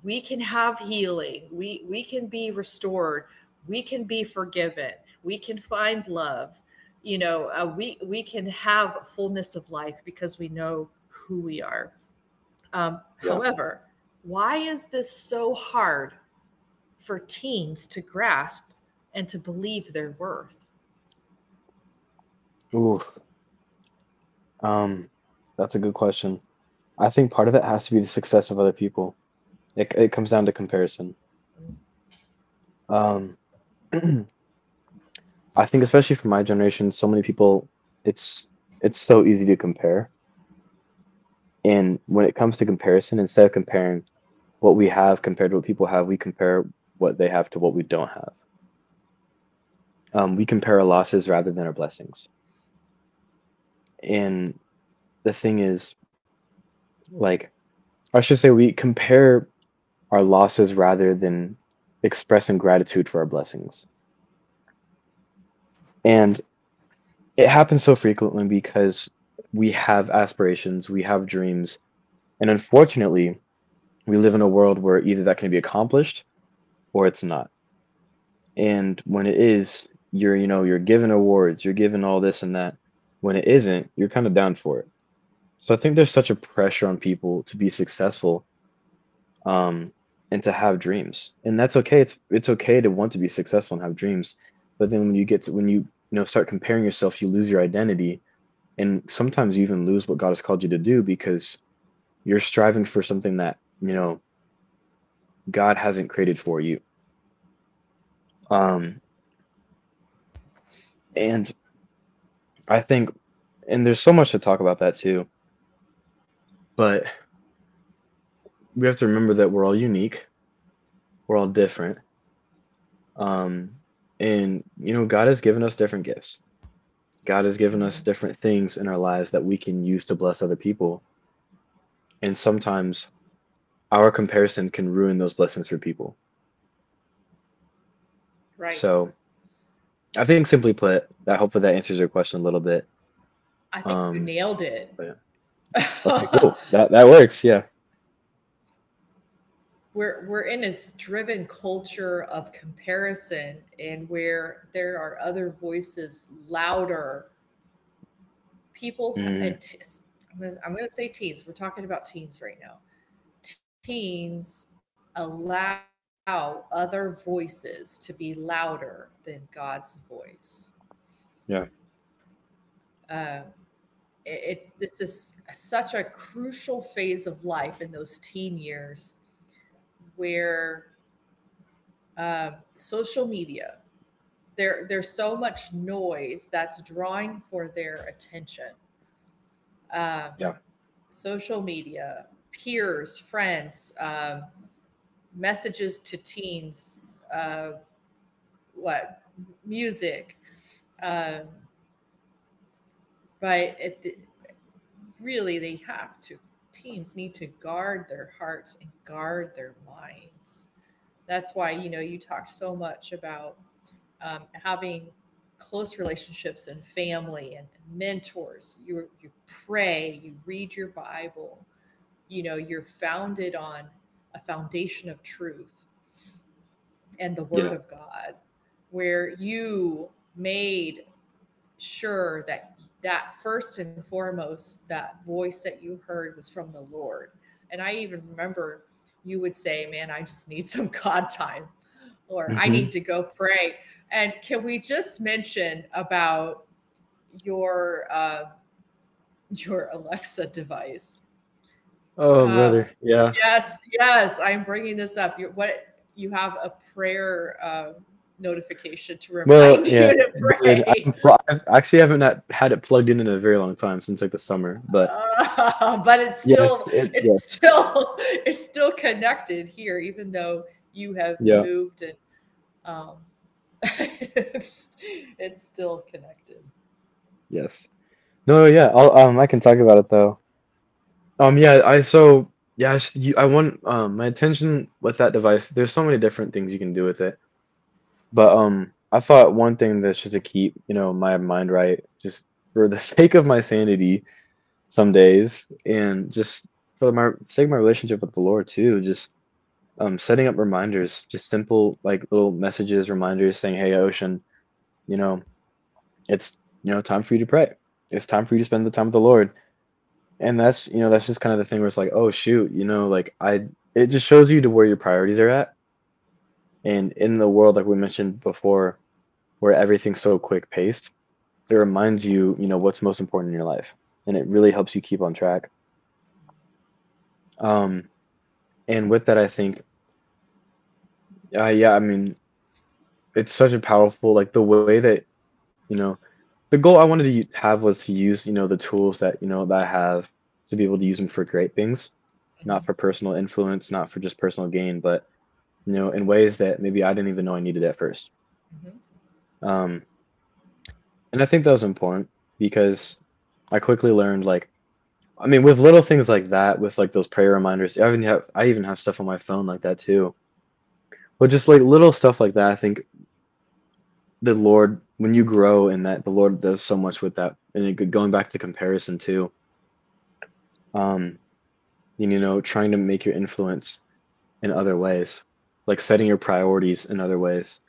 A: we can have healing. We can be restored. We can be forgiven. We can find love. You know, we can have fullness of life because we know who we are.
B: Yeah.
A: However, why is this so hard for teens to grasp and to believe their worth?
B: Ooh. Um, that's a good question. I think part of it has to be the success of other people. It comes down to comparison. Um, I think especially for my generation, so many people, it's it's so easy to compare. And when it comes to comparison, instead of comparing what we have compared to what people have, we compare what they have to what we don't have. We compare our losses rather than our blessings. And the thing is, like, I should say, we compare our losses rather than expressing gratitude for our blessings. And it happens so frequently because we have aspirations, we have dreams, and unfortunately, we live in a world where either that can be accomplished or it's not. And when it is, you're given awards, you're given all this and that. When it isn't, you're kind of down for it. So I think there's such a pressure on people to be successful, um, and to have dreams, and that's okay. It's okay to want to be successful and have dreams, but then when you know start comparing yourself, you lose your identity, and sometimes you even lose what God has called you to do because you're striving for something that you know God hasn't created for you. Um,
A: Yeah.
B: And I think, and there's so much to talk about that too, but we have to remember that we're all unique, we're all different. Um, and, you know, God has given us different gifts. God has
A: Hmm.
B: given us different things in our lives that we can use to bless other people. And sometimes our comparison can ruin those blessings for people.
A: Right.
B: So I think, simply put, that hopefully that answers your question a little bit.
A: I think you
B: Um,
A: nailed it.
B: but yeah. Okay, cool. That works. Yeah.
A: We're in this driven culture of comparison, and where there are other voices louder. People ha- and t-
B: Hmm.
A: I'm gonna say teens. We're talking about teens right now. Teens allow other voices to be louder than God's voice.
B: Yeah.
A: Um, it's, this is such a crucial phase of life in those teen years where, social media. There's so much noise that's drawing for their attention. Um,
B: Yeah.
A: social media, peers, friends, messages to teens, uh, what music. Um, but really, they have to. Teens need to guard their hearts and guard their minds. That's why, you know, you talk so much about, having close relationships and family and mentors. You pray, you read your Bible. You know, you're founded on a foundation of truth and the Word
B: Yeah.
A: of God, where you made sure that, that first and foremost, that voice that you heard was from the Lord. And I even remember you would say, "Man, I just need some God time." Or I need
B: Hmm.
A: to go pray. And can we just mention about your, your Alexa device?
B: Oh,
A: Um,
B: brother. Yeah.
A: yes, yes, I'm bringing this up. You what you have a prayer notification to
B: Well,
A: remind you
B: yeah,
A: to
B: good.
A: pray,
B: I've actually haven't not had it plugged in a very long time since like the summer, but
A: but it's still
B: yes, it yeah,
A: it's still it's still connected here, even though you have
B: yeah,
A: moved and um, it's it's still connected.
B: yes. No, yeah, I can talk about it though. Yeah, I so yeah, I, s- you, I want my attention with that device. There's so many different things you can do with it. But I thought one thing that's just to keep, you know, my mind right, just for the sake of my sanity some days, and just for my sake of my relationship with the Lord too, just setting up reminders, just simple like little messages, reminders saying, "Hey, Ocean, you know it's time for you to pray. It's time for you to spend the time with the Lord." And that's you know that's just kind of the thing where it's like, "Oh shoot, you know like I." It just shows you to where your priorities are at, and in the world like we mentioned before, where everything's so quick paced, it reminds you you know what's most important in your life, and it really helps you keep on track. Um, and with that, I think, yeah, I mean, it's such a powerful, like, the way that you know the goal I wanted to have was to use, you know, the tools that you know that I have to be able to use them for great things, not
A: Mhm,
B: for personal influence, not for just personal gain, but, you know, in ways that maybe I didn't even know I needed at first.
A: mhm.
B: um and I think that was important, because I quickly learned, like, I mean, with little things like that, with like those prayer reminders, I even have stuff on my phone like that too. But just like little stuff like that, I think the Lord, when you grow in that, the Lord does so much with that. And going back to comparison too, um and you know trying to make your influence in other ways, like setting your priorities in other ways.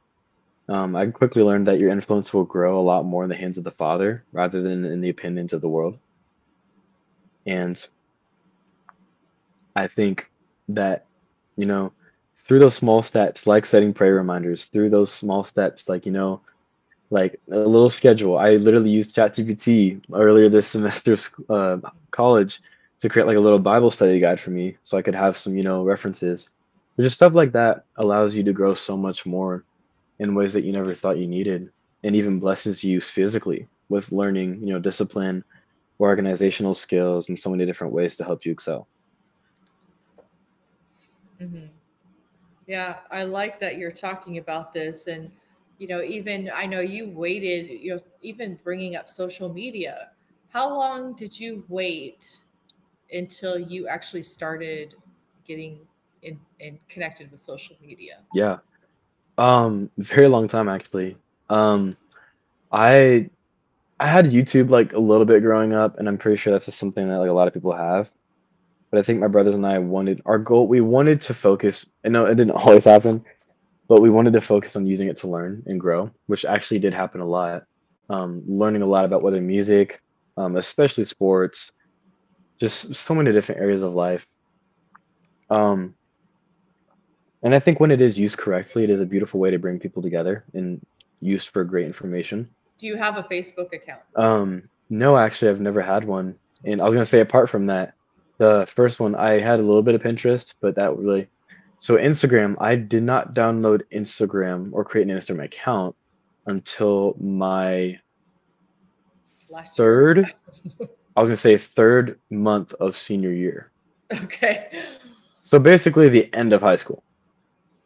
B: I quickly learned that your influence will grow a lot more in the hands of the Father rather than in the opinions of the world. And I think that, you know, through those small steps like setting prayer reminders, through those small steps, like, you know, like a little schedule. I literally used ChatGPT earlier this semester of college to create like a little Bible study guide for me so I could have some, you know, references. But just stuff like that allows you to grow so much more in ways that you never thought you needed, and even blesses you physically with learning, you know, discipline or organizational skills and so many different ways to help you excel.
A: Yeah, I like that you're talking about this. And, you know, even I know you waited, you know, even bringing up social media. How long did you wait until you actually started getting in and connected with social media?
B: Yeah. Very long time actually. Um, I I had YouTube like a little bit growing up, and I'm pretty sure that's just something that like a lot of people have. But I think my brothers and I wanted our goal. We wanted to focus. I know it didn't always happen, but we wanted to focus on using it to learn and grow, which actually did happen a lot. Learning a lot about whether music, especially sports, just so many different areas of life. Um, and I think when it is used correctly, it is a beautiful way to bring people together and used for great information.
A: Do you have a Facebook account?
B: No, actually, I've never had one. And I was gonna say, apart from that, the first one I had a little bit of Pinterest, but that really. So Instagram, I did not download Instagram or create an Instagram account until my
A: Last year?
B: third, I was gonna say third month of senior year.
A: Okay.
B: So basically the end of high school.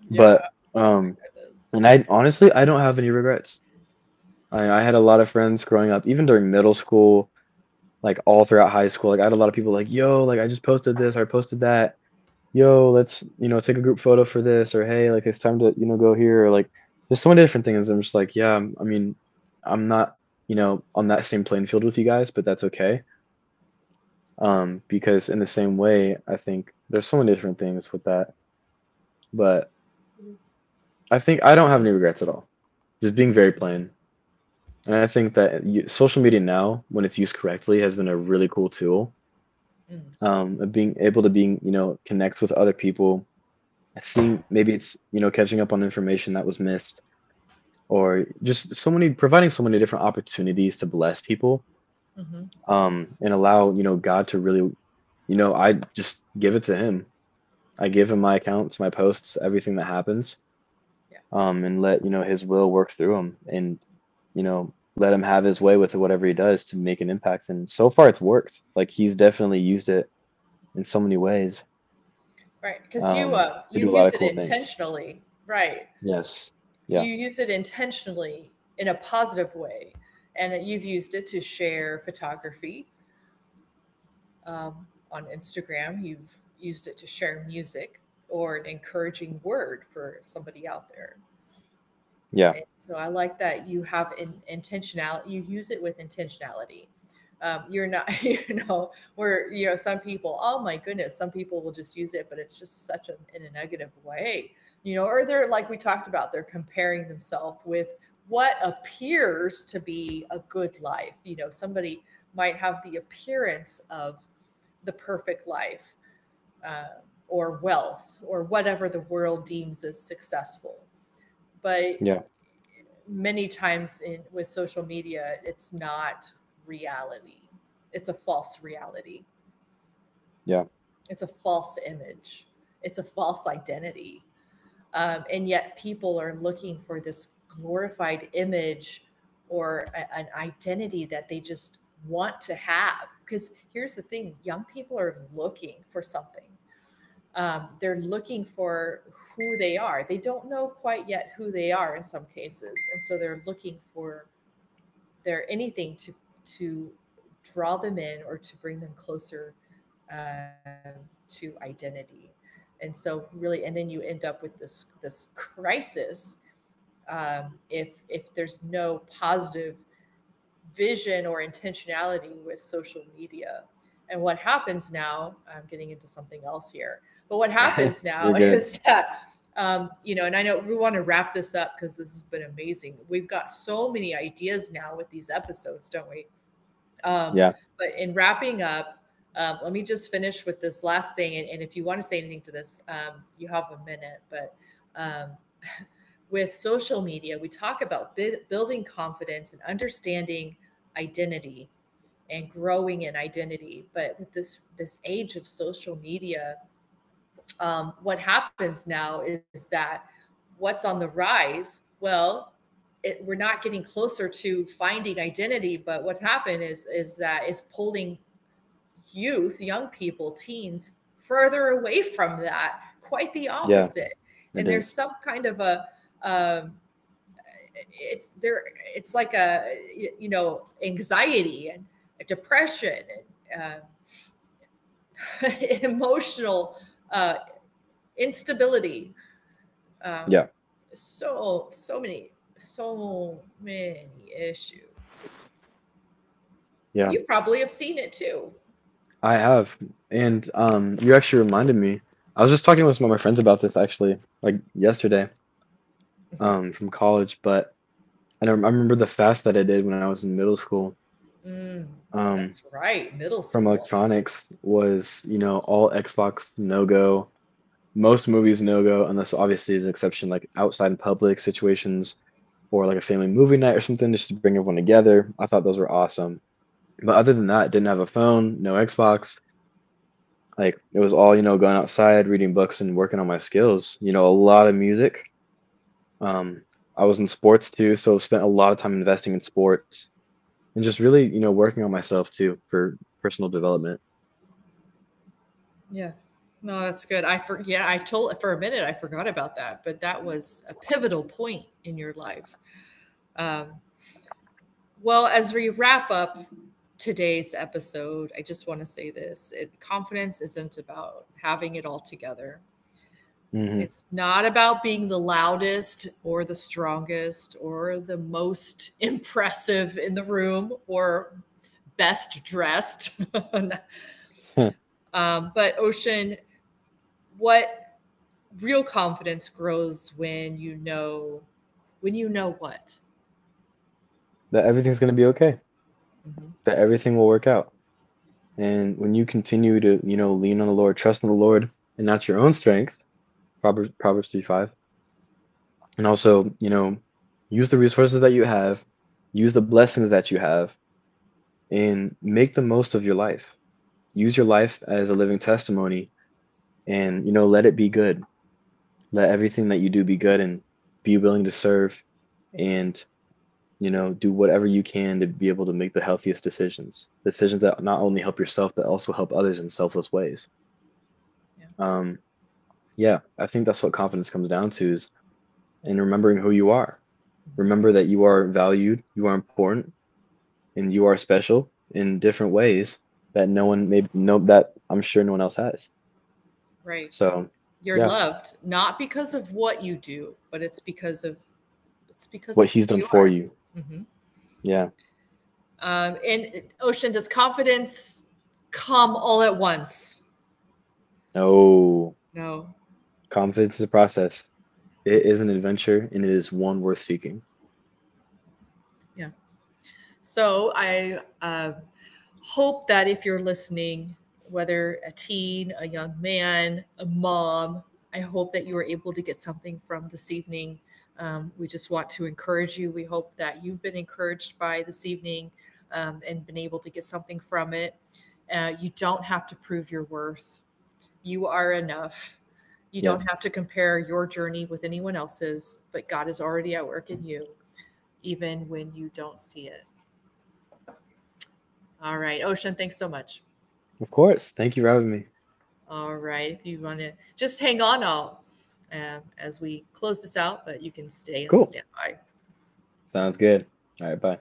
A: Yeah.
B: But
A: Oh my goodness.
B: and I honestly, I don't have any regrets. I had a lot of friends growing up, even during middle school, like all throughout high school. Like I had a lot of people like, yo, like I just posted this or I posted that. Yo, let's, you know, take a group photo for this, or hey, like it's time to, you know, go here, or like there's so many different things. I'm just like, yeah, I mean, I'm not, you know, on that same playing field with you guys, but that's okay. Because in the same way, I think there's so many different things with that. But I think I don't have any regrets at all. Just being very plain. And I think that social media now, when it's used correctly, has been a really cool tool, of being able to being you know connect with other people, seeing maybe it's, you know, catching up on information that was missed, or just so many providing so many different opportunities to bless people, and allow, you know, God to really, you know, I just give it to Him. I give Him my accounts, my posts, everything that happens,
A: Yeah.
B: and let, you know, His will work through Him. And, you know, let Him have His way with whatever He does to make an impact, and so far it's worked, like, He's definitely used it in so many ways,
A: Right. Because you
B: um,
A: uh
B: to
A: you
B: do a lot
A: use
B: of
A: it
B: cool things.
A: intentionally. Right.
B: Yes.
A: You
B: Yeah.
A: use it intentionally in a positive way, and that you've used it to share photography, on Instagram. You've used it to share music or an encouraging word for somebody out there,
B: Yeah.
A: and so I like that you have intentionality. You use it with intentionality. You're not, you know, where you know some people. Oh my goodness, some people will just use it, but it's just such a in a negative way, you know. Or they're like we talked about, they're comparing themselves with what appears to be a good life. You know, somebody might have the appearance of the perfect life, uh, or wealth or whatever the world deems as successful, but
B: Yeah.
A: many times in with social media, it's not reality. It's a false reality.
B: Yeah.
A: It's a false image. It's a false identity. And yet people are looking for this glorified image or an identity that they just want to have. Because here's the thing, young people are looking for something. They're looking for who they are. They don't know quite yet who they are in some cases. And so they're looking for there anything to draw them in or to bring them closer, um, to identity. And so really, and then you end up with this crisis, if there's no positive vision or intentionality with social media. And what happens now, I'm getting into something else here, but what happens now
B: You're good.
A: is that, you know, and I know we want to wrap this up because this has been amazing. We've got so many ideas now with these episodes, don't we? Um,
B: Yeah.
A: but in wrapping up, let me just finish with this last thing. And if you want to say anything to this, you have a minute, but um, with social media, we talk about building confidence and understanding identity and growing in identity. But with this age of social media, what happens now is that what's on the rise? Well, it, we're not getting closer to finding identity, but what's happened is that it's pulling youth, young people, teens further away from that. Quite the
B: Yeah.
A: opposite, and
B: It
A: there's
B: is.
A: some kind of a, um, it's there, it's like a, you know, anxiety and depression and uh, emotional uh, instability, um,
B: Yeah.
A: so so many issues
B: Yeah.
A: you probably have seen it too.
B: I have. And you actually reminded me. I was just talking with some of my friends about this actually, like yesterday, from college. But I don't, I remember the fast that I did when I was in middle school, um,
A: That's right, middle
B: from
A: school.
B: electronics, was, you know, all Xbox no go, most movies no go, unless obviously is an exception, like outside in public situations or like a family movie night or something just to bring everyone together. I thought those were awesome. But other than that, didn't have a phone, no Xbox. Like it was all, you know, going outside, reading books and working on my skills. You know, a lot of music. Um, I was in sports too, so spent a lot of time investing in sports and just really, you know, working on myself too for personal development.
A: Yeah, no that's good. I for, yeah, I told for a minute I forgot about that, but that was a pivotal point in your life. Um, well, as we wrap up today's episode, I just want to say this, it, confidence isn't about having it all together.
B: Hmm.
A: It's not about being the loudest or the strongest or the most impressive in the room or best dressed. But, Ocean, what real confidence grows when you know what?
B: That everything's going to be okay. That everything will work out. And when you continue to, you know, lean on the Lord, trust in the Lord, and not your own strength, Proverbs 3:5. And also, you know, use the resources that you have, use the blessings that you have, and make the most of your life. Use your life as a living testimony, and, you know, let it be good. Let everything that you do be good, and be willing to serve, and, you know, do whatever you can to be able to make the healthiest decisions. Decisions that not only help yourself, but also help others in selfless ways.
A: Yeah,
B: Um, yeah, I think that's what confidence comes down to, is and remembering who you are. Remember that you are valued, you are important, and you are special in different ways that no one, maybe no, that I'm sure no one else has.
A: right.
B: So
A: You're
B: yeah,
A: loved, not because of what you do, but it's because of it's because
B: what
A: of
B: He's
A: who
B: done
A: you
B: for
A: are.
B: you. Yeah.
A: And Ocean, does confidence come all at once?
B: Oh,
A: No.
B: confidence is a process. It is an adventure and it is one worth seeking.
A: Yeah. So I, hope that if you're listening, whether a teen, a young man, a mom, I hope that you were able to get something from this evening. We just want to encourage you. We hope that you've been encouraged by this evening, and been able to get something from it. You don't have to prove your worth. You are enough. You don't
B: Yes.
A: have to compare your journey with anyone else's, but God is already at work in you, even when you don't see it. All right. Ocean, thanks so much.
B: Of course. Thank you for having me.
A: All right. If you want to just hang on, I'll, as we close this out, but you can stay on
B: Cool.
A: standby.
B: Sounds good. All right, bye.